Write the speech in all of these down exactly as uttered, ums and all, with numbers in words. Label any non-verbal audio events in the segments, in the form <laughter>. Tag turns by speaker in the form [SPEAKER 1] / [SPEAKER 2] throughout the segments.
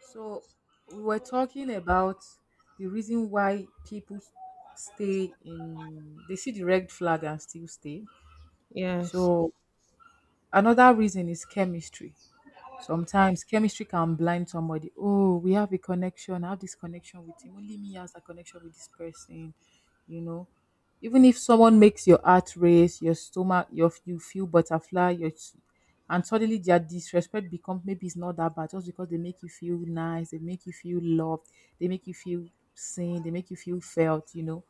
[SPEAKER 1] So we were talking about the reason why people stay in they see the red flag and still stay.
[SPEAKER 2] Yes,
[SPEAKER 1] So another reason is chemistry. Sometimes chemistry can blind somebody. Oh, we have a connection. I have this connection with him. Only me has a connection with this person. You know, Even if someone makes your heart race, your stomach, your you feel butterfly, your s- and suddenly their disrespect becomes maybe it's not that bad just because they make you feel nice, they make you feel loved, they make you feel seen, they make you feel felt. You know,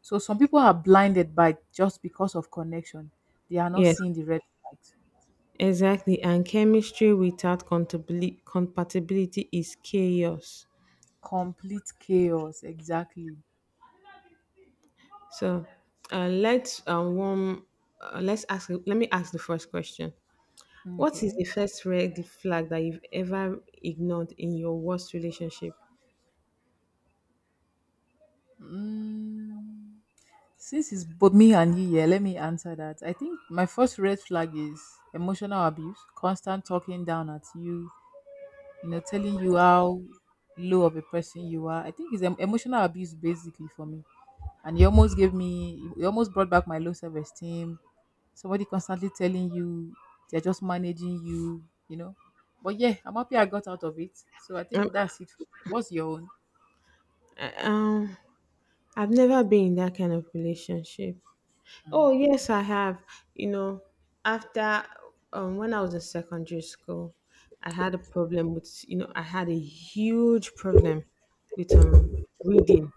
[SPEAKER 1] So some people are blinded by just because of connection. They are not
[SPEAKER 2] yes,
[SPEAKER 1] seeing the red flags.
[SPEAKER 2] exactly. And chemistry without compatibil- compatibility is chaos.
[SPEAKER 1] Complete chaos, exactly.
[SPEAKER 2] So uh, let's uh, warm. Uh, let's ask. Let me ask the first question. What is
[SPEAKER 1] Okay.
[SPEAKER 2] the first red flag that you've ever ignored in your worst relationship?
[SPEAKER 1] Mm, since it's both me and you here, let me answer that. I think my first red flag is emotional abuse, constant talking down at you, you know, telling you how low of a person you are. I think it's em- emotional abuse basically for me. And he almost gave me, he almost brought back my low self esteem. Somebody constantly telling you they're just managing you, you know. But yeah, I'm happy I got out of it. So I
[SPEAKER 2] Um,
[SPEAKER 1] think that's it for me. What's your
[SPEAKER 2] I- um, I've never been in that kind of relationship.
[SPEAKER 1] own?
[SPEAKER 2] Oh, yes, I have. You know, After um, when I was in secondary school, I had a problem with, you know, I had a huge problem with um reading.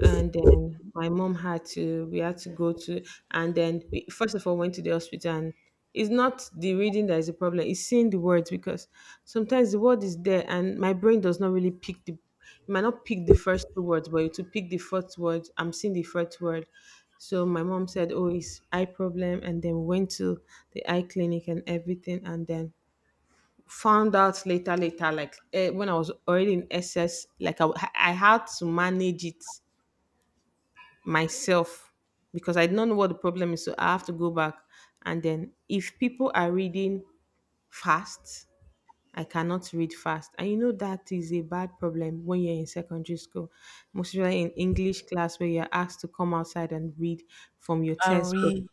[SPEAKER 2] And then my mom had to we had to go to, and then we first of all went to the hospital. And it's not the reading that is the problem, it's seeing the words, because sometimes the word is there and my brain does not really pick the it might not pick the first two words, but to pick the fourth word, I'm seeing the fourth word. So my mom said, oh, it's eye problem, and then went to the eye clinic and everything, and then found out later later, like eh, when I was already in SS, like I, I had to manage it myself, because I don't know what the problem is. So I have to go back. And then if people are reading fast, I cannot read fast. And you know that is a bad problem when you're in secondary school, most especially in English class where you're asked to come outside and read from your
[SPEAKER 1] And
[SPEAKER 2] textbook.
[SPEAKER 1] read.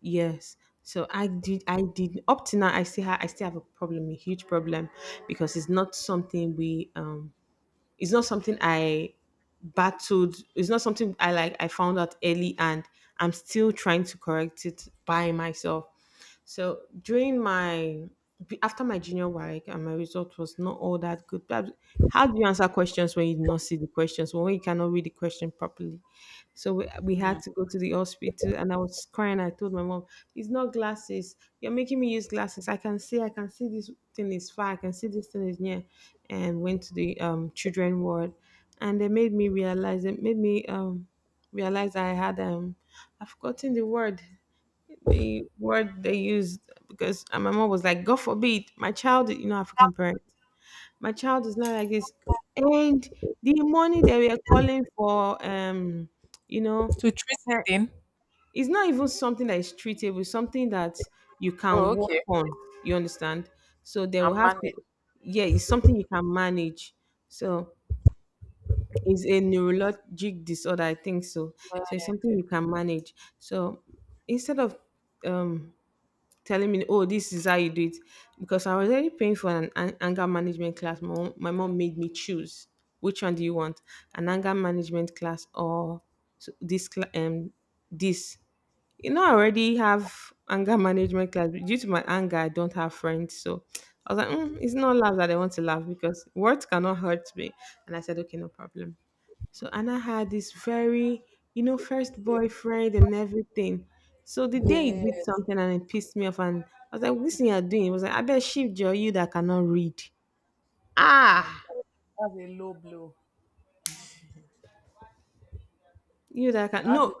[SPEAKER 2] Yes. So I did I did up to now I still have I still have a problem, a huge problem, because it's not something we um it's not something I battled. It's not something I like. I found out early, and I'm still trying to correct it by myself. So during my after my junior work, and my result was not all that good. Perhaps- How do you answer questions when you do not see the questions? When you cannot read the question properly? So we, we had to go to the hospital, and I was crying. I told my mom, "It's not glasses. You're making me use glasses. I can see. I can see this thing is far. I can see this thing is near." And went to the um, children ward, and they made me realize. It made me um, realize I had um, I've forgotten the word. The word they used, because, and my mom was like, "God forbid, my child." You know, African parents, my child is not like this. And the money they were calling for, um, you know,
[SPEAKER 1] To treat it
[SPEAKER 2] eh,
[SPEAKER 1] in.
[SPEAKER 2] it's not even something that is treatable, something that you
[SPEAKER 1] Oh,
[SPEAKER 2] can work
[SPEAKER 1] okay.
[SPEAKER 2] on. You understand? So they will
[SPEAKER 1] I'm
[SPEAKER 2] have to,
[SPEAKER 1] managed.
[SPEAKER 2] yeah, it's something you can manage. So it's a neurologic disorder, I think so. So it's something you can manage. So instead of um telling me, "Oh, this is how you do it," because I was already paying for an, an anger management class. My mom, my mom made me choose, which one do you want, an anger management class or so this cla- um this. You know, I already have anger management class, but due to my anger, I don't have friends. So I was like, mm, "It's not love that I want to laugh, because words cannot hurt me." And I said, "Okay, no problem." So Anna had this very, you know, first boyfriend and everything. So the day he
[SPEAKER 1] Yeah,
[SPEAKER 2] did something and it pissed me off, and I was like, "What is thing you're doing?" He was like, "I bet shift your you that cannot read,
[SPEAKER 1] my God, that's a low blow.
[SPEAKER 2] you that can
[SPEAKER 1] That's a,
[SPEAKER 2] no."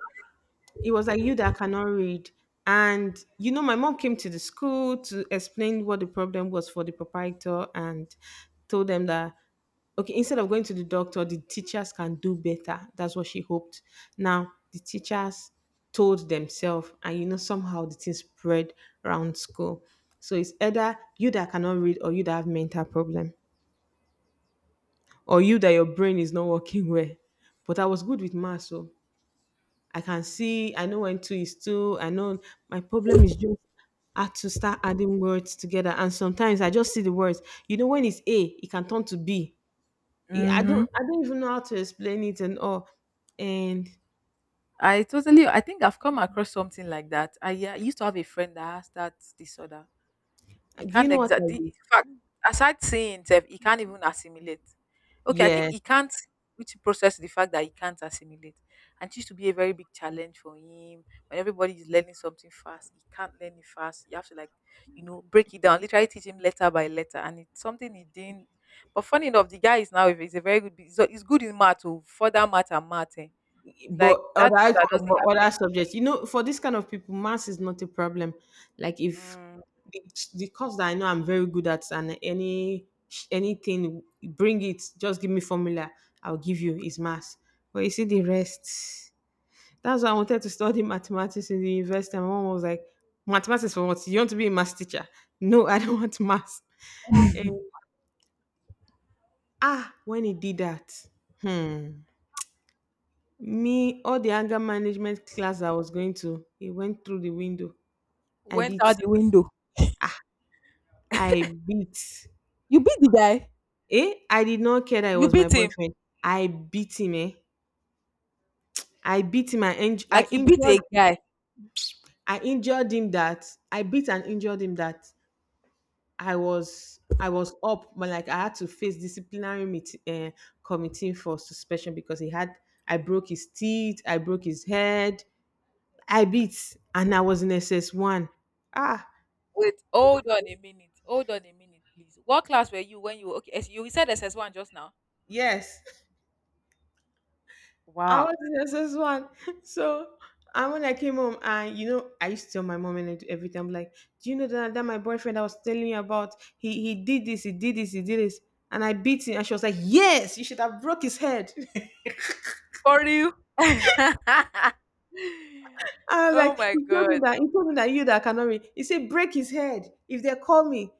[SPEAKER 2] It was like, you that cannot read. And you know, my mom came to the school to explain what the problem was for the proprietor, and told them that, okay, instead of going to the doctor, the teachers can do better, that's what she hoped. Now the teachers told themselves, and you know, somehow the thing spread around school. So it's either you that cannot read, or you that have mental problem, or you that your brain is not working <laughs> well. But I was good with math. So I can see, I know when two is two. I know my problem is just, I have to start adding words together. And sometimes I just see the words. You know, when it's A, it can turn to B. I I don't
[SPEAKER 1] Mm-hmm.
[SPEAKER 2] I don't even know how to explain it and all. And
[SPEAKER 1] I totally. I think I've come across something like that. I, yeah, used to have a friend that has that disorder. He
[SPEAKER 2] do you
[SPEAKER 1] can't
[SPEAKER 2] know what I
[SPEAKER 1] exactly in
[SPEAKER 2] do?
[SPEAKER 1] fact, aside seeing himself, he can't even assimilate. Okay, I think
[SPEAKER 2] Yeah.
[SPEAKER 1] he can't which process the fact that he can't assimilate. And it used to be a very big challenge for him. When everybody is learning something fast, he can't learn it fast. You have to like, you know, break it down, literally teach him letter by letter. And it's something he didn't but funny enough, the guy is now he's a very good bus- so he's good in math. Oh, further math and math. Eh. It's like
[SPEAKER 2] But
[SPEAKER 1] that is
[SPEAKER 2] other
[SPEAKER 1] what doesn't
[SPEAKER 2] but other
[SPEAKER 1] affect
[SPEAKER 2] subjects, you know, for this kind of people, maths is not a problem. Like if
[SPEAKER 1] mm,
[SPEAKER 2] the, the course that I know I'm very good at, and any anything, bring it, just give me formula, I'll give you, is maths. But you see the rest, that's why I wanted to study <laughs> mathematics in the university, and my mom was like, mathematics for what, you want to be a maths teacher? No, I don't <laughs> want maths. And ah when he did that, hmm me, all the anger management class I was going to, it went through the window. I
[SPEAKER 1] went
[SPEAKER 2] beat.
[SPEAKER 1] out the window.
[SPEAKER 2] I beat.
[SPEAKER 1] You beat the guy,
[SPEAKER 2] Eh? I did not care that it
[SPEAKER 1] you
[SPEAKER 2] was my
[SPEAKER 1] beat him,
[SPEAKER 2] boyfriend. I beat him, eh? I beat him. I, inj- I
[SPEAKER 1] like you beat a
[SPEAKER 2] injured.
[SPEAKER 1] guy.
[SPEAKER 2] I injured him that I beat and injured him that I was I was up, but like I had to face disciplinary meet, uh, committee for suspension, because he had I broke his teeth, I broke his head, I beat, and I was in S S one. Ah,
[SPEAKER 1] Wait, hold on a minute. Hold on a minute, please. What class were you when you were- okay? S- You said S S one just now.
[SPEAKER 2] yes. I
[SPEAKER 1] Wow.
[SPEAKER 2] was the S S one. <laughs> So and when I came home, and you know, I used to tell my mom and I do everything. I'm like, do you know that, that my boyfriend I was telling you about? He he did this, he did this, he did this. And I beat him, and she was like, yes, you should have broke his head.
[SPEAKER 1] For you. <laughs>
[SPEAKER 2] I was
[SPEAKER 1] Oh
[SPEAKER 2] like,
[SPEAKER 1] my
[SPEAKER 2] he told me
[SPEAKER 1] God.
[SPEAKER 2] that he told me that you that cannot read. He said, break his head if they call me.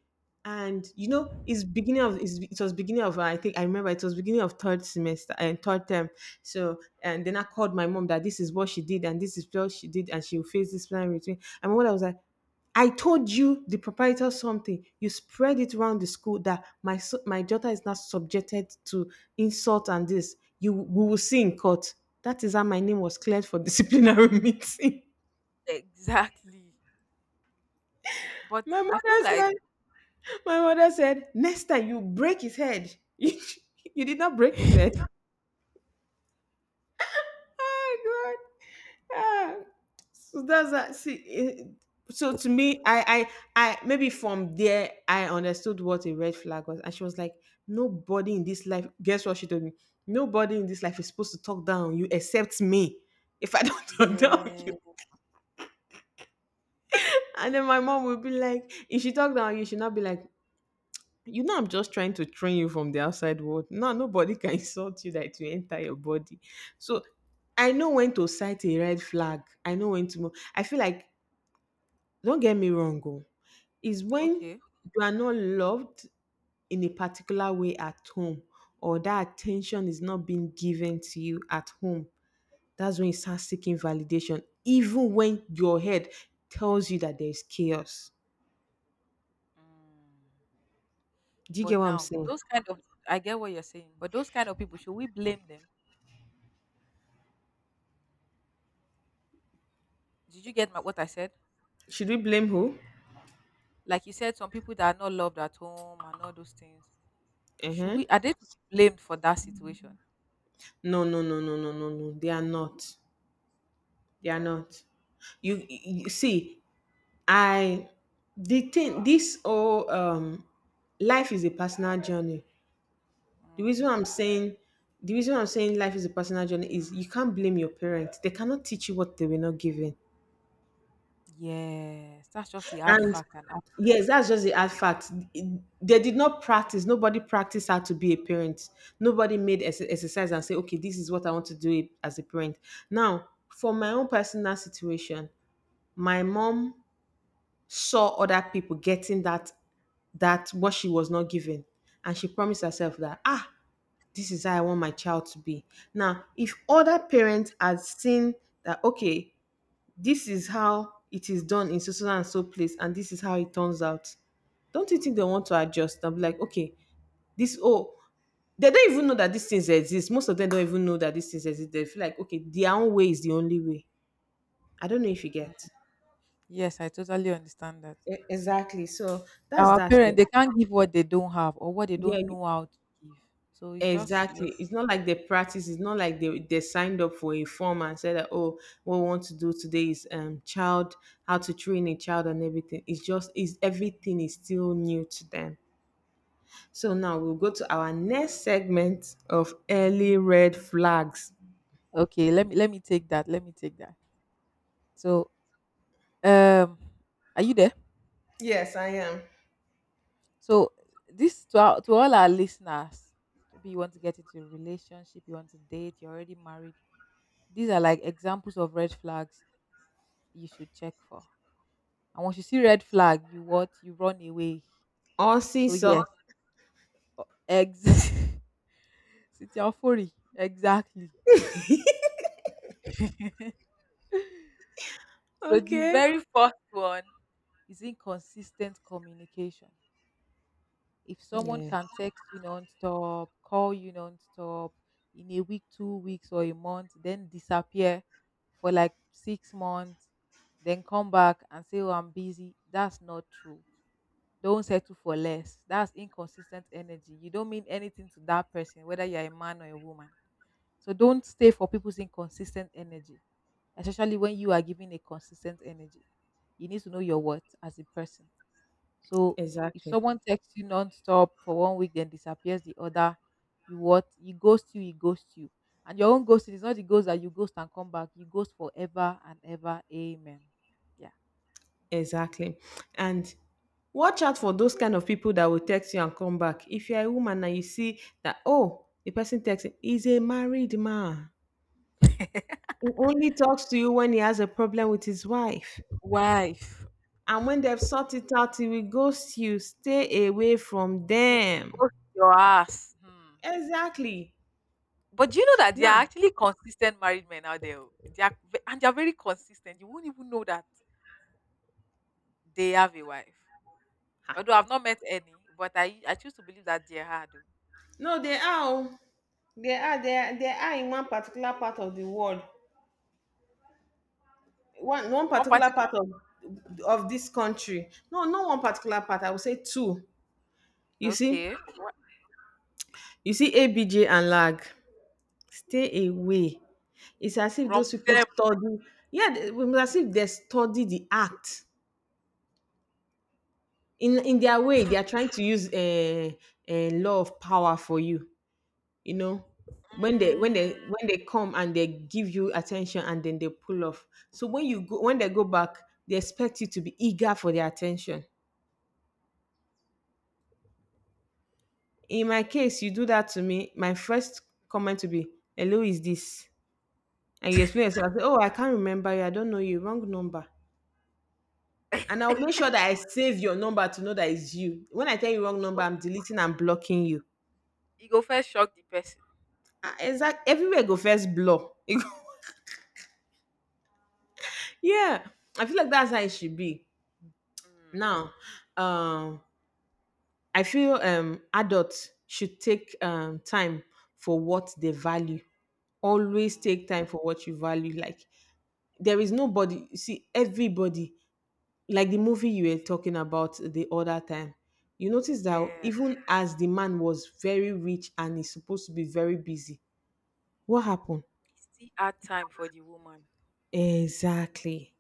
[SPEAKER 2] And you know, it's beginning of it's, it was beginning of, I think I remember it was beginning of third semester and third term. So and then I called my mom that this is what she did and this is what she did, and she will face this plan with me. And my mother was like, I told you the proprietor something. You spread it around the school that my so- my daughter is not subjected to insult and this. You we will see in court. That is how my name was cleared for disciplinary <laughs> meeting.
[SPEAKER 1] Exactly. But
[SPEAKER 2] My
[SPEAKER 1] I feel
[SPEAKER 2] mother
[SPEAKER 1] like
[SPEAKER 2] said, my mother said, next time you break his head. <laughs> you you did not break his head. <laughs>
[SPEAKER 1] <laughs>
[SPEAKER 2] Oh God. Ah. So that's that. See, eh, so to me, I, I, I, maybe from there, I understood what a red flag was. And she was like, nobody in this life, guess what she told me? Nobody in this life is supposed to talk down on you except me. If I don't <laughs> talk down on you.
[SPEAKER 1] yeah.
[SPEAKER 2] And then my mom would be like, if she talked down on you, she'd not be like, you know, I'm just trying to train you from the outside world. No, nobody can <laughs> insult you that you enter your body. So I know when to cite a red flag. I know when to move. I feel like, don't get me wrong, oh, is when
[SPEAKER 1] Okay.
[SPEAKER 2] you are not loved in a particular way at home, or that attention is not being given to you at home. That's when you start seeking validation, even when your head tells you that there's chaos.
[SPEAKER 1] Mm.
[SPEAKER 2] Do you
[SPEAKER 1] But
[SPEAKER 2] get what I'm
[SPEAKER 1] now
[SPEAKER 2] saying?
[SPEAKER 1] those kind of I get what you're saying, but those kind of people, should we blame them? Did you get my, what I said?
[SPEAKER 2] Should we blame who?
[SPEAKER 1] Like you said, some people that are not loved at home and all those things. Should
[SPEAKER 2] Uh-huh.
[SPEAKER 1] we Are they to be blamed for that situation?
[SPEAKER 2] No, no, no, no, no, no, no. They are not. They are not. You, you see, I the thing this all um life is a personal journey. The
[SPEAKER 1] Mm.
[SPEAKER 2] reason I'm saying the reason I'm saying life is a personal journey is you can't blame your parents. They cannot teach you what they were not given.
[SPEAKER 1] Yes, that's just the hard
[SPEAKER 2] And
[SPEAKER 1] fact and hard
[SPEAKER 2] yes, that's just the hard fact. They did not practice. Nobody practiced how to be a parent. Nobody made ex- exercise and say, okay, this is what I want to do as a parent. Now, for my own personal situation, my mom saw other people getting that that what she was not given, and she promised herself that ah this is how I want my child to be. Now, if other parents had seen that, okay, this is how it is done in so so and so place, and this is how it turns out, don't you think they want to adjust? I'm like, okay, this oh they don't even know that these things exist. Most of them don't even know that these things exist. They feel like, okay, their own way is the only way. I don't know if you
[SPEAKER 1] mm,
[SPEAKER 2] get.
[SPEAKER 1] yes, I totally understand that.
[SPEAKER 2] E- Exactly. So that's
[SPEAKER 1] Our
[SPEAKER 2] that.
[SPEAKER 1] parents they can't give what they don't have or what they
[SPEAKER 2] Yeah,
[SPEAKER 1] don't
[SPEAKER 2] you-
[SPEAKER 1] know how to give. So it's just yes.
[SPEAKER 2] exactly. It's not like they practice. It's not like they, they signed up for a form and said that, oh, what we want to do today is um child, how to train a child and everything. It's just is everything is still new to them. So now we'll go to our next segment of early red flags.
[SPEAKER 1] Okay, let me let me take that. Let me take that. So um are you there?
[SPEAKER 2] Yes, I am.
[SPEAKER 1] So this to our, to all our listeners, maybe you want to get into a relationship, you want to date, you're already married. These are like examples of red flags you should check for. And once you see red flag, you what? You run away.
[SPEAKER 2] Or
[SPEAKER 1] So
[SPEAKER 2] seesaw.
[SPEAKER 1] yes, ex <laughs> Sitiafori, exactly. <laughs> So the
[SPEAKER 2] Okay.
[SPEAKER 1] very first one is inconsistent communication. If someone
[SPEAKER 2] Yeah,
[SPEAKER 1] can text you nonstop, call you nonstop in a week, two weeks, or a month, then disappear for like six months, then come back and say, oh, I'm busy. That's not true. Don't settle for less. That's inconsistent energy. You don't mean anything to that person, whether you're a man or a woman. So don't stay for people's inconsistent energy, especially when you are giving a consistent energy. You need to know your worth as a person. So if
[SPEAKER 2] exactly.
[SPEAKER 1] someone texts you non-stop for one week, then disappears the other, you what? You ghost you, he ghosts you. And your own ghosting is not the ghost that you ghost and come back. You ghost forever and ever. Amen. Yeah.
[SPEAKER 2] Exactly. And watch out for those kind of people that will text you and come back. If you're a woman and you see that, oh, the person texting is a married man. He only talks to you when he has a problem with his wife.
[SPEAKER 1] Wife.
[SPEAKER 2] And when they've sorted it out, he will ghost you. Stay away from
[SPEAKER 1] You
[SPEAKER 2] them.
[SPEAKER 1] ghost your ass. Hmm.
[SPEAKER 2] Exactly.
[SPEAKER 1] But do you know that there
[SPEAKER 2] Now,
[SPEAKER 1] are actually consistent married men out there? Oh? They are, ve- and they are very consistent. You won't even know that they have a wife. Although I've not met any, but I I choose to believe that they had. Oh.
[SPEAKER 2] no, they are. Oh. They are. They are. They are in one particular part of the world. One one
[SPEAKER 1] One
[SPEAKER 2] particular
[SPEAKER 1] particular,
[SPEAKER 2] part of of this country. No, not one particular part. I would say two. You see,
[SPEAKER 1] okay, wha-
[SPEAKER 2] you see A B J and lag. Stay away. It's as if those
[SPEAKER 1] from
[SPEAKER 2] people
[SPEAKER 1] them,
[SPEAKER 2] study. Yeah, they- it's as if they study the act. In in their way, they are trying to use a uh, uh, law of power for you. You know, when they when they
[SPEAKER 1] mm,
[SPEAKER 2] when they come and they give you attention and then they pull off. So when you go when they go back, they expect you to be eager for their attention. In my case, you do that to me. My first comment to be, "Hello, is this?" and you explain yourself, I say, oh, I can't remember you. I don't know you. Wrong number. And I'll make sure that I save your number to know that it's you. When I tell you wrong
[SPEAKER 1] e go
[SPEAKER 2] number, I'm deleting and blocking you.
[SPEAKER 1] e go first shock the person.
[SPEAKER 2] Ah, exact. Everywhere go first blow. <laughs> Yeah. I feel like that's how it should be.
[SPEAKER 1] Mm,
[SPEAKER 2] Now, um, I feel um adults should take um time for what they value. Always
[SPEAKER 1] mm,
[SPEAKER 2] take time for what you value. Like there is nobody, you see, everybody like the movie you were talking about the other time, you notice that
[SPEAKER 1] yes,
[SPEAKER 2] even as the man was very rich and is supposed to be very busy, what happened?
[SPEAKER 1] e still add time for the woman
[SPEAKER 2] Exactly.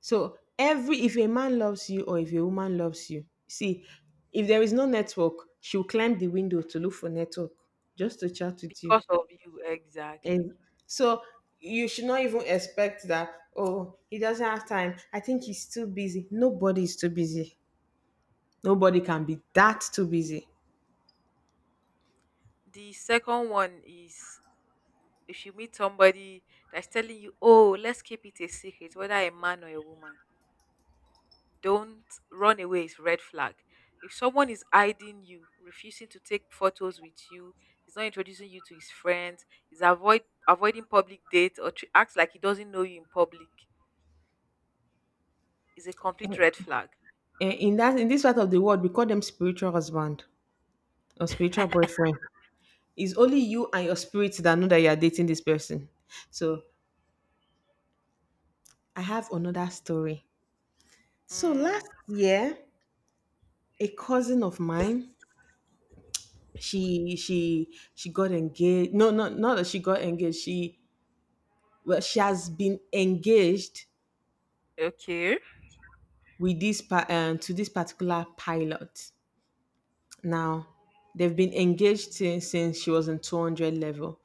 [SPEAKER 2] So every if a man loves you or if a woman loves you, see, if there is no network, she'll climb the window to look for network just to chat with you.
[SPEAKER 1] because of you exactly.
[SPEAKER 2] And so you should not even expect that, oh, he doesn't have time. I think he's too busy. Nobody is too busy. Nobody can
[SPEAKER 1] Mm.
[SPEAKER 2] be that too busy.
[SPEAKER 1] The second one is if you meet somebody that's telling you, oh, let's keep it a secret, whether a man or a woman. Don't run away is red flag. If someone is hiding you, refusing to take photos with you, is not introducing you to his friends, is avoid avoiding public dates or tr- acts like he doesn't know you in public, is a complete red flag.
[SPEAKER 2] Eh, in that in this part of the world we call them spiritual husband or spiritual boyfriend. It's only you and your spirit that know that you are dating this person. So I have another story. So
[SPEAKER 1] Mm,
[SPEAKER 2] last year, a cousin of mine, she she she got engaged. No, no, not that she got engaged, she well, she has been engaged
[SPEAKER 1] okay.
[SPEAKER 2] with this pa- um, to this particular pilot now. They've been engaged since, since she was in two hundred level.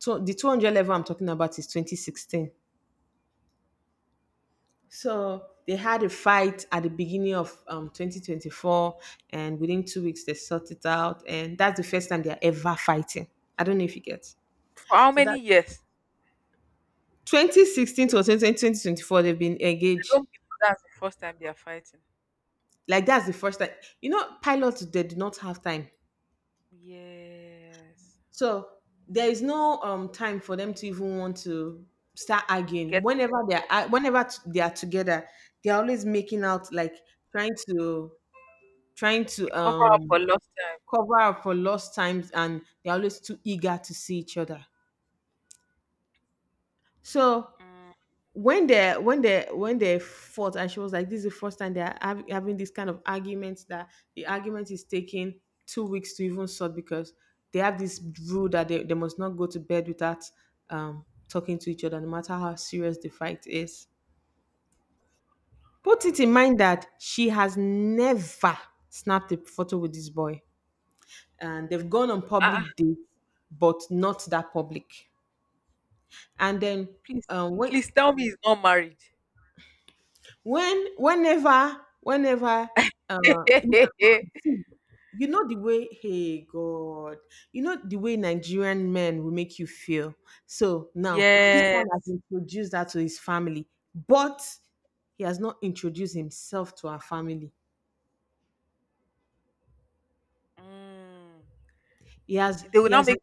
[SPEAKER 2] Tw- The two hundred level I'm talking about is twenty sixteen. So they had a fight at the beginning of um, twenty twenty-four, and within two weeks they sorted it out, and that's the first time they're ever fighting. I don't know if you get.
[SPEAKER 1] For how
[SPEAKER 2] So
[SPEAKER 1] many
[SPEAKER 2] that
[SPEAKER 1] years?
[SPEAKER 2] twenty sixteen to twenty twenty, twenty twenty-four, they've been
[SPEAKER 1] I
[SPEAKER 2] engaged.
[SPEAKER 1] don't believe that's the first time they are fighting.
[SPEAKER 2] Like that's the first time. You know, pilots they do not have time.
[SPEAKER 1] Yes.
[SPEAKER 2] So there is no um time for them to even want to start arguing.
[SPEAKER 1] Get
[SPEAKER 2] Whenever they are ar- whenever t- they are together, they are always making out like trying to trying to
[SPEAKER 1] cover up
[SPEAKER 2] um
[SPEAKER 1] for lost time.
[SPEAKER 2] cover up for lost times, and they are always too eager to see each other. So
[SPEAKER 1] Mm.
[SPEAKER 2] when they when they when they fought and she was like this is the first time they're hav- having this kind of argument, that the argument is taking two weeks to even sort, because they have this rule that they, they must not go to bed without um talking to each other no matter how serious the fight is. Put it in mind that she has never snapped a photo with this boy, and they've gone on
[SPEAKER 1] Ah, ah,
[SPEAKER 2] public dates but not that public. And then
[SPEAKER 1] please,
[SPEAKER 2] um when
[SPEAKER 1] please tell me he's not married.
[SPEAKER 2] when whenever whenever uh you know,
[SPEAKER 1] <laughs>
[SPEAKER 2] see, you know the way hey god you know the way Nigerian men will make you feel. So now this
[SPEAKER 1] Yes.
[SPEAKER 2] one has introduced that to his family, but he has not introduced himself to our family.
[SPEAKER 1] Mm.
[SPEAKER 2] He has
[SPEAKER 1] They will
[SPEAKER 2] he
[SPEAKER 1] now
[SPEAKER 2] has
[SPEAKER 1] make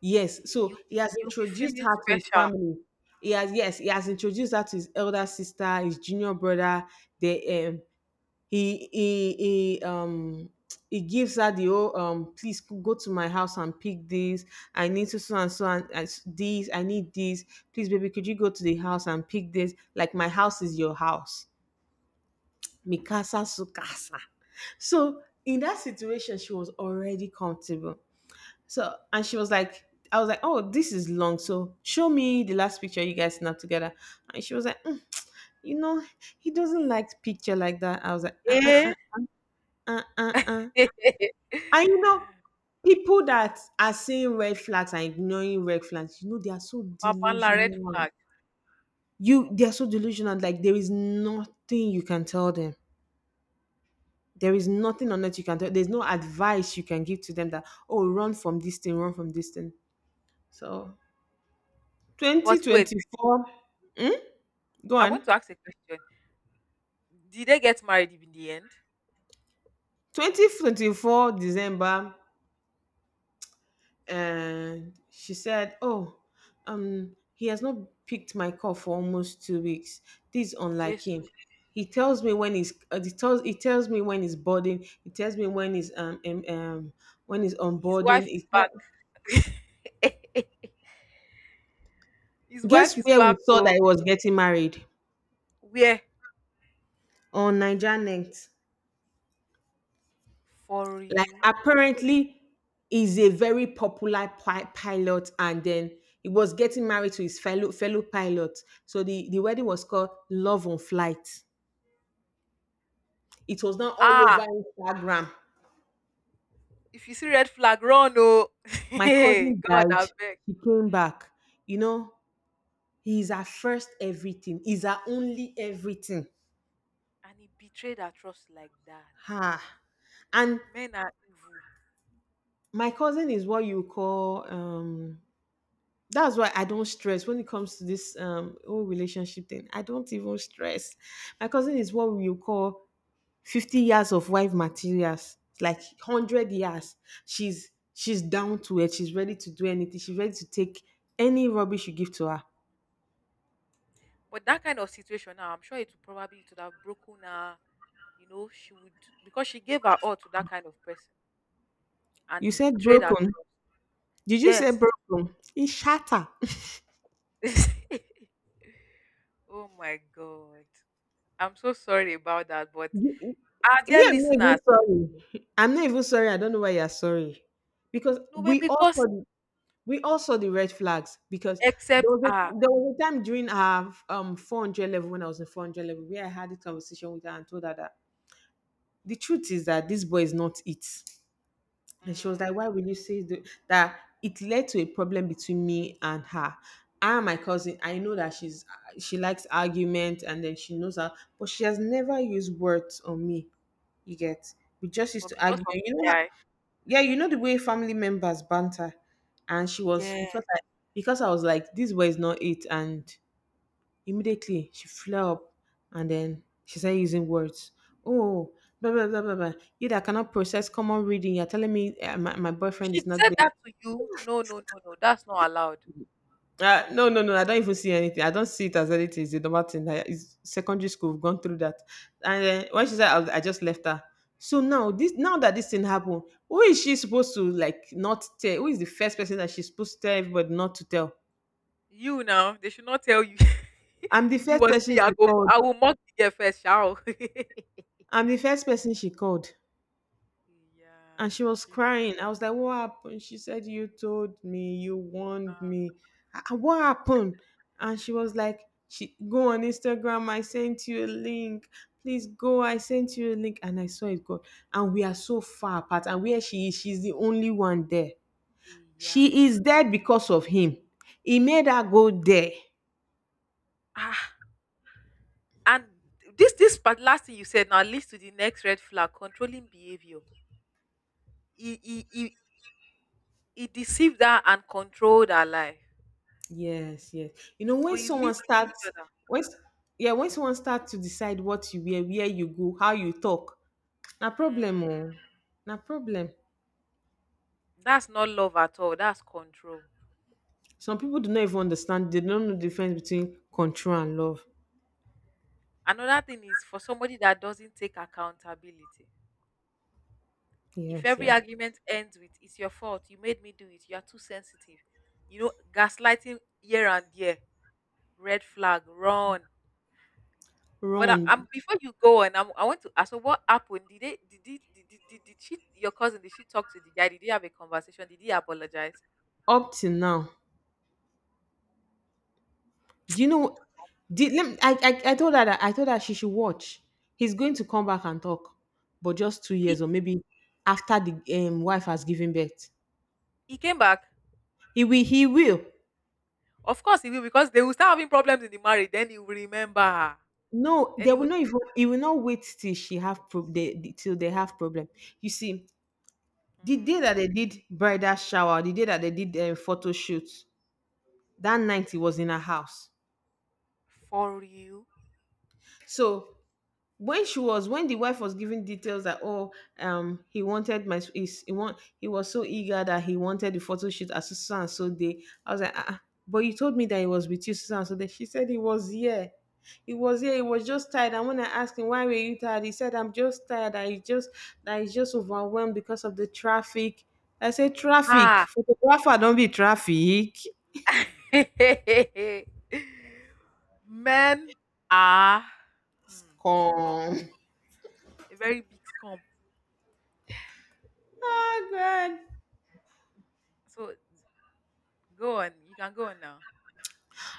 [SPEAKER 2] Yes,
[SPEAKER 1] you
[SPEAKER 2] so he has
[SPEAKER 1] you'll be
[SPEAKER 2] introduced
[SPEAKER 1] feeling
[SPEAKER 2] her to his
[SPEAKER 1] special.
[SPEAKER 2] family. He has, yes, he has introduced her to his elder sister, his junior brother. The um he he he um He gives her the, oh, um please, c- go to my house and pick this, I need to so and so, and and s- this I need this, please baby could you go to the house and pick this, like my house is your house, mikasa sukasa. So in that situation she was already comfortable, so, and she was like, I was like, oh, this is long, so show me the last picture you guys snapped together. And she was like, "Mm, you know, he doesn't like picture like that." I was like, uh-uh
[SPEAKER 1] Eh?
[SPEAKER 2] uh, uh, uh.
[SPEAKER 1] <laughs>
[SPEAKER 2] And you know, people that are seeing red flags and ignoring red flags, you know, they are so
[SPEAKER 1] babala red
[SPEAKER 2] delusional.
[SPEAKER 1] flag.
[SPEAKER 2] You, they are so delusional. Like there is nothing you can tell them. There is nothing on earth you can tell. There's no advice you can give to them that, oh, run from this thing, run from this thing. So,
[SPEAKER 1] But wait,
[SPEAKER 2] twenty twenty-four. Hmm? Go
[SPEAKER 1] I want
[SPEAKER 2] on.
[SPEAKER 1] to ask a question. Did they get married in the end?
[SPEAKER 2] twenty twenty-four December, and she said, "Oh, um, he has not picked my call for almost two weeks. This is unlike him.
[SPEAKER 1] Jesus.
[SPEAKER 2] He tells me when he's uh, he tells he tells me when he's boarding. He tells me when he's um um, um when he's
[SPEAKER 1] His
[SPEAKER 2] onboarding.
[SPEAKER 1] wife is
[SPEAKER 2] He tell-
[SPEAKER 1] back. His wife
[SPEAKER 2] Guess
[SPEAKER 1] is
[SPEAKER 2] where
[SPEAKER 1] back.
[SPEAKER 2] we saw that
[SPEAKER 1] Oh,
[SPEAKER 2] he was getting married,
[SPEAKER 1] where?
[SPEAKER 2] on Nigernet.
[SPEAKER 1] For
[SPEAKER 2] Like
[SPEAKER 1] you.
[SPEAKER 2] apparently, he's a very popular pi- pilot, and then." He was getting married to his fellow fellow pilot. So the, the wedding was called Love on Flight. It was now all over
[SPEAKER 1] Ah,
[SPEAKER 2] Instagram.
[SPEAKER 1] if you see red flag, run. Oh, <laughs>
[SPEAKER 2] My cousin
[SPEAKER 1] God,
[SPEAKER 2] died.
[SPEAKER 1] I beg.
[SPEAKER 2] She came back. You know, he's our first everything. He's our only everything.
[SPEAKER 1] And he betrayed her trust like that.
[SPEAKER 2] Ha. And
[SPEAKER 1] Men are evil.
[SPEAKER 2] my cousin is what you call um that's why I don't stress when it comes to this um whole relationship thing. I don't even stress. My cousin is what you call fifty years of wife materials. It's like a hundred years. She's she's down to it. She's ready to do anything. She's ready to take any rubbish you give to her.
[SPEAKER 1] But that kind of situation now, I'm sure it would probably it would have broken her. You know, she would because she gave her all to that kind of person and
[SPEAKER 2] You
[SPEAKER 1] he
[SPEAKER 2] said
[SPEAKER 1] betrayed her.
[SPEAKER 2] broken. Did you say
[SPEAKER 1] Yes.
[SPEAKER 2] broken? It's shatter. <laughs>
[SPEAKER 1] <laughs> Oh my God. I'm so sorry about that. But our
[SPEAKER 2] Me,
[SPEAKER 1] dear
[SPEAKER 2] I'm not even
[SPEAKER 1] listeners,
[SPEAKER 2] sorry. I'm not even sorry. I don't know why you're sorry. Because
[SPEAKER 1] no way
[SPEAKER 2] we
[SPEAKER 1] because
[SPEAKER 2] also we also the red flags, because there
[SPEAKER 1] except
[SPEAKER 2] was a
[SPEAKER 1] her
[SPEAKER 2] there was a time during our um four hundred level when I was in four hundred level where I had this conversation with her and told her that the truth is that this boy is not it. And she was like, why
[SPEAKER 1] mm,
[SPEAKER 2] will you say th- that? It led to a problem between me and her. I and my cousin, I know that she's she likes argument, and then she knows her, but she has never used words on me. You get we just used
[SPEAKER 1] but
[SPEAKER 2] to
[SPEAKER 1] because
[SPEAKER 2] argue.
[SPEAKER 1] of
[SPEAKER 2] And, you
[SPEAKER 1] the
[SPEAKER 2] know, how,
[SPEAKER 1] guy.
[SPEAKER 2] yeah, you know the way family members banter, and she was
[SPEAKER 1] Yeah.
[SPEAKER 2] because I because I was like, this way is not it, and immediately, she flew up and then she started using words. Oh, blah, blah, blah, blah, blah. You that cannot process common reading, you're telling me uh, my, my boyfriend
[SPEAKER 1] She
[SPEAKER 2] is not
[SPEAKER 1] said
[SPEAKER 2] there.
[SPEAKER 1] that to you. No, no, no, no. That's not allowed.
[SPEAKER 2] Uh, no, no, no. I don't even see anything. I don't see it as anything. It's a normal thing. I, it's secondary school. We've gone through that. And then when she said, I, I just left her. So now this, now that this thing happened, who is she supposed to like not tell? Who is the first person that she's supposed to tell everybody not to tell?
[SPEAKER 1] You now, they should not tell you. <laughs>
[SPEAKER 2] I'm the
[SPEAKER 1] If it
[SPEAKER 2] first
[SPEAKER 1] was
[SPEAKER 2] person
[SPEAKER 1] me, I
[SPEAKER 2] she
[SPEAKER 1] go.
[SPEAKER 2] called.
[SPEAKER 1] I will mock the girl first, shall. <laughs> yeah,
[SPEAKER 2] I'm the first person she called. And she was
[SPEAKER 1] she-
[SPEAKER 2] crying. I was like, "What happened?" She said, "You told me, you warned
[SPEAKER 1] ah,
[SPEAKER 2] me. Ah, ah, what happened?" And she was like, "She go on Instagram. I sent you a link. Please go. I sent you a link." And I saw it go. And we are so far apart. And where she is, she's the only one there.
[SPEAKER 1] yeah.
[SPEAKER 2] She is there because of him. He made her go there.
[SPEAKER 1] Ah, and this this part last thing you said now leads to the next red flag: controlling behavior. He he he, he deceived her and controlled her life,
[SPEAKER 2] Yes, yes. You know,
[SPEAKER 1] so
[SPEAKER 2] when
[SPEAKER 1] it
[SPEAKER 2] someone
[SPEAKER 1] leads to each
[SPEAKER 2] starts,
[SPEAKER 1] other.
[SPEAKER 2] when s- yeah, when someone starts to decide what you wear, where you go, how you talk, na problem
[SPEAKER 1] Mm,
[SPEAKER 2] oh. Na problem.
[SPEAKER 1] that's not love at all. That's control.
[SPEAKER 2] Some people do not even understand. They don't know the difference between control and love.
[SPEAKER 1] Another thing is for somebody that doesn't take accountability. If
[SPEAKER 2] Yes,
[SPEAKER 1] every
[SPEAKER 2] yeah.
[SPEAKER 1] argument ends with "It's your fault, you made me do it, you are too sensitive," you know, gaslighting here and there, red flag, run. But I,
[SPEAKER 2] Run.
[SPEAKER 1] I'm before you go on, I'm, I want to ask, so what happened? Did they, did, did, did, did, did did she, your cousin, did she talk to the guy? Did they have a conversation? Did he apologize?
[SPEAKER 2] Up till now. Do you know? Did let me, I, I I told her that I told her she should watch. He's going to come back and talk, but just two
[SPEAKER 1] He,
[SPEAKER 2] years or maybe after the um, wife has given birth.
[SPEAKER 1] he came back.
[SPEAKER 2] He will. He will.
[SPEAKER 1] Of course he will, because they will start having problems in the marriage. Then he will remember her.
[SPEAKER 2] No,
[SPEAKER 1] Then
[SPEAKER 2] they
[SPEAKER 1] he
[SPEAKER 2] will
[SPEAKER 1] will.
[SPEAKER 2] not even. He will not wait till she have pro- they, till they have problem. You see, The day
[SPEAKER 1] Hmm,
[SPEAKER 2] that they did bridal shower, the day that they did a photo shoot, that night he was in her house.
[SPEAKER 1] for you.
[SPEAKER 2] So when she was when the wife was giving details that oh um he wanted my is he want he was so eager that he wanted the photo shoot at so and so day, I was like, ah, ah, but you told me that he was with you, Susan. So then she said he was here he was here, he was just tired. And when I asked him, why were you tired, he said, I'm just tired. I just I just overwhelmed because of the traffic. I said, traffic,
[SPEAKER 1] Ah.
[SPEAKER 2] photographer, don't be traffic.
[SPEAKER 1] <laughs> Men are hmm, scum,
[SPEAKER 2] Come.
[SPEAKER 1] a very big scum.
[SPEAKER 2] <laughs> Oh god.
[SPEAKER 1] So go on, you can go on now.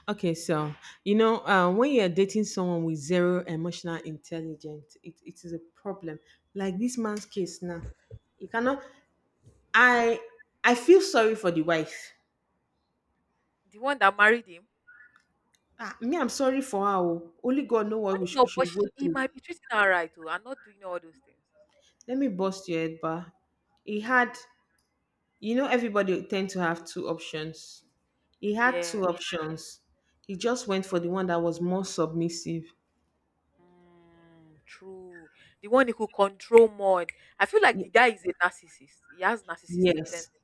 [SPEAKER 2] Okay, so you know, uh, when you're dating someone with zero emotional intelligence, it, it is a problem. Like this man's case now, you cannot. I I feel sorry for the wife.
[SPEAKER 1] The one that married him,
[SPEAKER 2] Ah, me, I'm sorry for her. Oh. Only God know what
[SPEAKER 1] funny
[SPEAKER 2] we should,
[SPEAKER 1] enough,
[SPEAKER 2] we
[SPEAKER 1] but
[SPEAKER 2] should
[SPEAKER 1] she,
[SPEAKER 2] go
[SPEAKER 1] he
[SPEAKER 2] through.
[SPEAKER 1] might be treating her right too, and not doing all those things.
[SPEAKER 2] Let me bust your head, but he had.
[SPEAKER 1] Hmm.
[SPEAKER 2] You know, everybody tend to have two options. He had
[SPEAKER 1] Yeah,
[SPEAKER 2] two options. He just went for the one that was more submissive.
[SPEAKER 1] mm, true. The one who could control more. I feel like the
[SPEAKER 2] Y-
[SPEAKER 1] guy is a narcissist. He has narcissistic
[SPEAKER 2] yes,
[SPEAKER 1] tendency.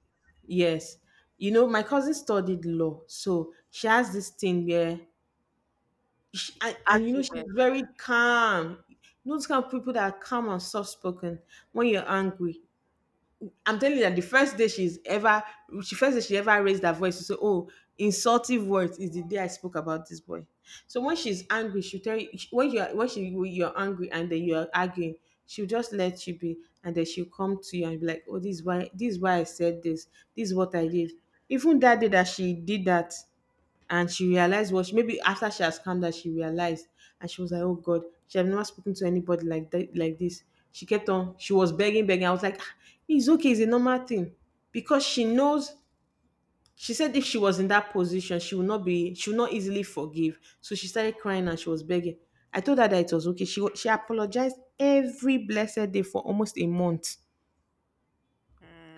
[SPEAKER 2] Yes. You know, my cousin studied law, so she has this thing where, she, and, and you know, she's
[SPEAKER 1] Argument.
[SPEAKER 2] very calm. You know, those kind of people that are calm and soft spoken when you're angry. I'm telling you that the first day she's ever, she first day she ever raised her voice to say, "Oh, insultive words is the day I spoke about this boy." So when she's angry, she'll tell you when you're when she you're angry and then you're arguing, she'll just let you be, and then she'll come to you and be like, "Oh, this is why this is why I said this. This is what I did." Even that day that she did that, and she realized what she maybe after she has calmed down she realized, and she was like, oh god, she have never spoken to anybody like that, like this. She kept on, she was begging begging I was like, "Ah, it's okay, it's a normal thing." Because she knows, she said if she was in that position she would not be she would not easily forgive. So she started crying and she was begging. I told her that it was okay. She wa- she apologized every blessed day for almost a month.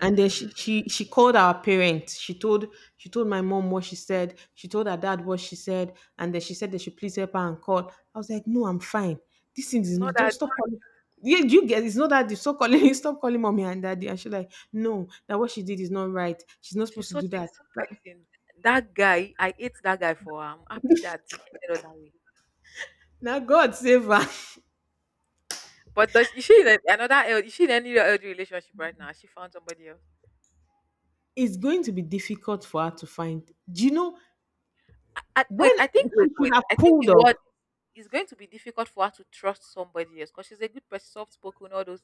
[SPEAKER 2] And then she she she called our parents. She told she told my mom what she said. She told her dad what she said. And then she said they should please help her and call. I was like, no, I'm fine. This thing
[SPEAKER 1] It's not
[SPEAKER 2] is, don't
[SPEAKER 1] that.
[SPEAKER 2] stop calling. Yeah, you get, it's not that they stop calling <laughs> stop calling mommy and daddy. And she's like, no, that what she did is not right. She's not supposed
[SPEAKER 1] She's
[SPEAKER 2] to
[SPEAKER 1] such
[SPEAKER 2] do
[SPEAKER 1] a
[SPEAKER 2] that. Like,
[SPEAKER 1] good person. That guy, I hate that guy for her. I'm happy that he ended up that way.
[SPEAKER 2] now God save her. <laughs>
[SPEAKER 1] But does is she in a- another L? Is she in any other relationship right now? Has she found somebody else.
[SPEAKER 2] It's going to be difficult for her to find. Do you know
[SPEAKER 1] I, I, wait,
[SPEAKER 2] when
[SPEAKER 1] I think
[SPEAKER 2] she
[SPEAKER 1] wait,
[SPEAKER 2] should
[SPEAKER 1] wait.
[SPEAKER 2] have
[SPEAKER 1] I think the
[SPEAKER 2] pulled off?
[SPEAKER 1] word is going to be difficult for her to trust somebody else because she's a good person, soft spoken, all those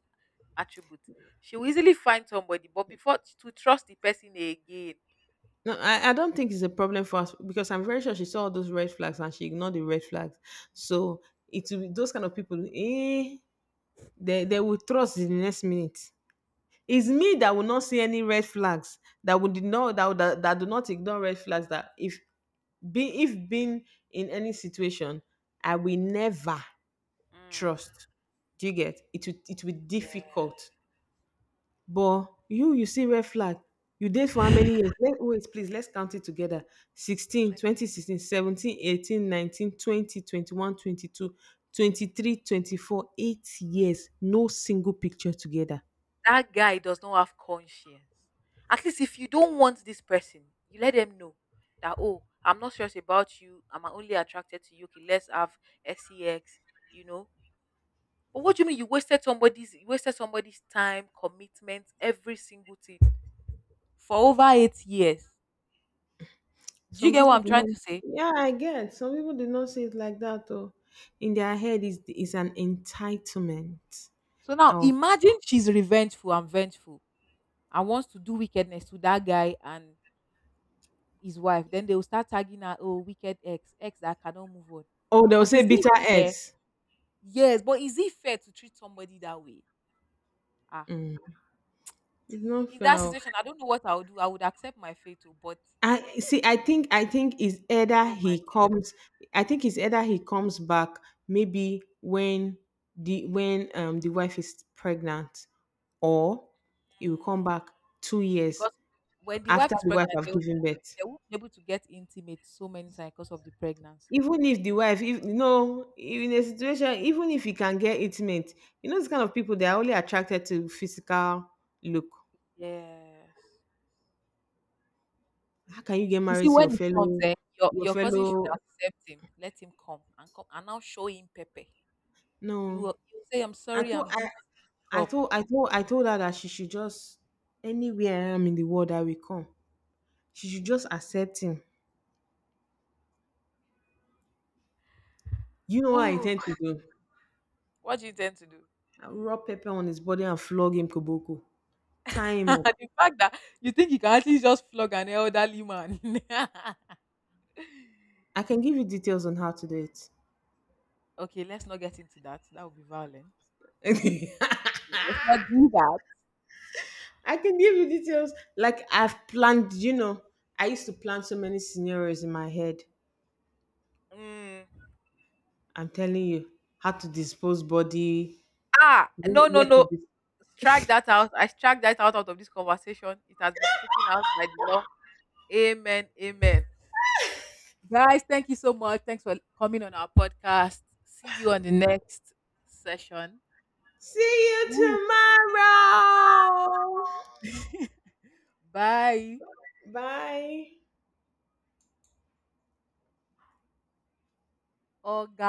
[SPEAKER 1] attributes. She will easily find somebody, but before to trust the person again,
[SPEAKER 2] No, I, I don't think it's a problem for us, because I'm very sure she saw all those red flags and she ignored the red flags. So it will be those kind of people, eh, they, they will trust in the next minute. It's me that will not see any red flags, that would not that, would- that that do not ignore red flags, that if be if being in any situation, I will never
[SPEAKER 1] mm,
[SPEAKER 2] trust. Do you get, it will it will be
[SPEAKER 1] yeah,
[SPEAKER 2] difficult. But you, you see red flag. You date for how many years? Let, wait, please, let's count it together. Sixteen, twenty sixteen, seventeen, eighteen, nineteen, twenty, twenty eight years. No single picture together.
[SPEAKER 1] that guy does not have conscience. At least if you don't want this person, you let them know that oh, I'm not serious about you. I'm only attracted to you. Okay, let's have sex. You know. But what do you mean you wasted somebody's you wasted somebody's time, commitment, every single thing for over eight years? Do you
[SPEAKER 2] Some
[SPEAKER 1] get what
[SPEAKER 2] people
[SPEAKER 1] I'm
[SPEAKER 2] do
[SPEAKER 1] trying
[SPEAKER 2] not.
[SPEAKER 1] to say?
[SPEAKER 2] Yeah, I get. Some people do not see it like that. Though. In their head is is an entitlement.
[SPEAKER 1] So now
[SPEAKER 2] Oh,
[SPEAKER 1] imagine she's revengeful and vengeful and wants to do wickedness to that guy and his wife. Then they will start tagging her, oh, wicked ex, ex that cannot move on.
[SPEAKER 2] oh, they'll
[SPEAKER 1] But
[SPEAKER 2] say
[SPEAKER 1] is it
[SPEAKER 2] bitter
[SPEAKER 1] fair?
[SPEAKER 2] ex.
[SPEAKER 1] Yes, but is it fair to treat somebody that way? Ah.
[SPEAKER 2] It's not
[SPEAKER 1] In that
[SPEAKER 2] fair.
[SPEAKER 1] situation, I don't know what I would do. I would accept my fate, oh, but
[SPEAKER 2] I see. I think. I think is either
[SPEAKER 1] oh my
[SPEAKER 2] he
[SPEAKER 1] God,
[SPEAKER 2] comes. I think it's either he comes back, maybe when the when um the wife is pregnant, or he will come
[SPEAKER 1] mm,
[SPEAKER 2] back two years
[SPEAKER 1] because when the wife
[SPEAKER 2] after
[SPEAKER 1] is
[SPEAKER 2] the wife
[SPEAKER 1] pregnant, they
[SPEAKER 2] have
[SPEAKER 1] will be,
[SPEAKER 2] given birth.
[SPEAKER 1] they will be able to get intimate so many times because of the pregnancy.
[SPEAKER 2] Even if the wife, if you know, in a situation, even if he can get intimate, you know, this kind of people, they are only attracted to physical look.
[SPEAKER 1] Yes.
[SPEAKER 2] How can you get
[SPEAKER 1] You see,
[SPEAKER 2] married to your
[SPEAKER 1] when it comes,
[SPEAKER 2] fellow,
[SPEAKER 1] eh, your
[SPEAKER 2] your
[SPEAKER 1] your cousin should
[SPEAKER 2] fellow?
[SPEAKER 1] accept him, let him come and come and now show him Pepe. You
[SPEAKER 2] No,
[SPEAKER 1] will you will say, I'm
[SPEAKER 2] I
[SPEAKER 1] sorry,
[SPEAKER 2] thought
[SPEAKER 1] I'm
[SPEAKER 2] I
[SPEAKER 1] this.
[SPEAKER 2] I
[SPEAKER 1] Come.
[SPEAKER 2] told I told I told her that she should just, anywhere I am in the world, I will come. She should just accept him. You know what I
[SPEAKER 1] Whew.
[SPEAKER 2] intend to do?
[SPEAKER 1] What do you tend to do?
[SPEAKER 2] I'll rub pepper on his body and flog him koboko. Tie
[SPEAKER 1] <laughs>
[SPEAKER 2] him up.
[SPEAKER 1] The fact that you think you can actually just flog an elderly man. <laughs>
[SPEAKER 2] I can give you details on how to do it.
[SPEAKER 1] Okay, let's not get into that. That would be violent.
[SPEAKER 2] <laughs>
[SPEAKER 1] Let's not do that.
[SPEAKER 2] I can give you details. Like I've planned, you know, I used to plan so many scenarios in my head.
[SPEAKER 1] Mm.
[SPEAKER 2] I'm telling you, how to dispose body,
[SPEAKER 1] Ah, no, no,
[SPEAKER 2] where to
[SPEAKER 1] no.
[SPEAKER 2] dis-
[SPEAKER 1] Strike that out. I strike that out, out of this conversation. It has been stricken out by the law. Amen. Amen. Guys, thank you so much. Thanks for coming on our podcast. See you on the next session.
[SPEAKER 2] See you
[SPEAKER 1] Ooh.
[SPEAKER 2] tomorrow.
[SPEAKER 1] <laughs> Bye.
[SPEAKER 2] Bye.
[SPEAKER 1] Oh, God.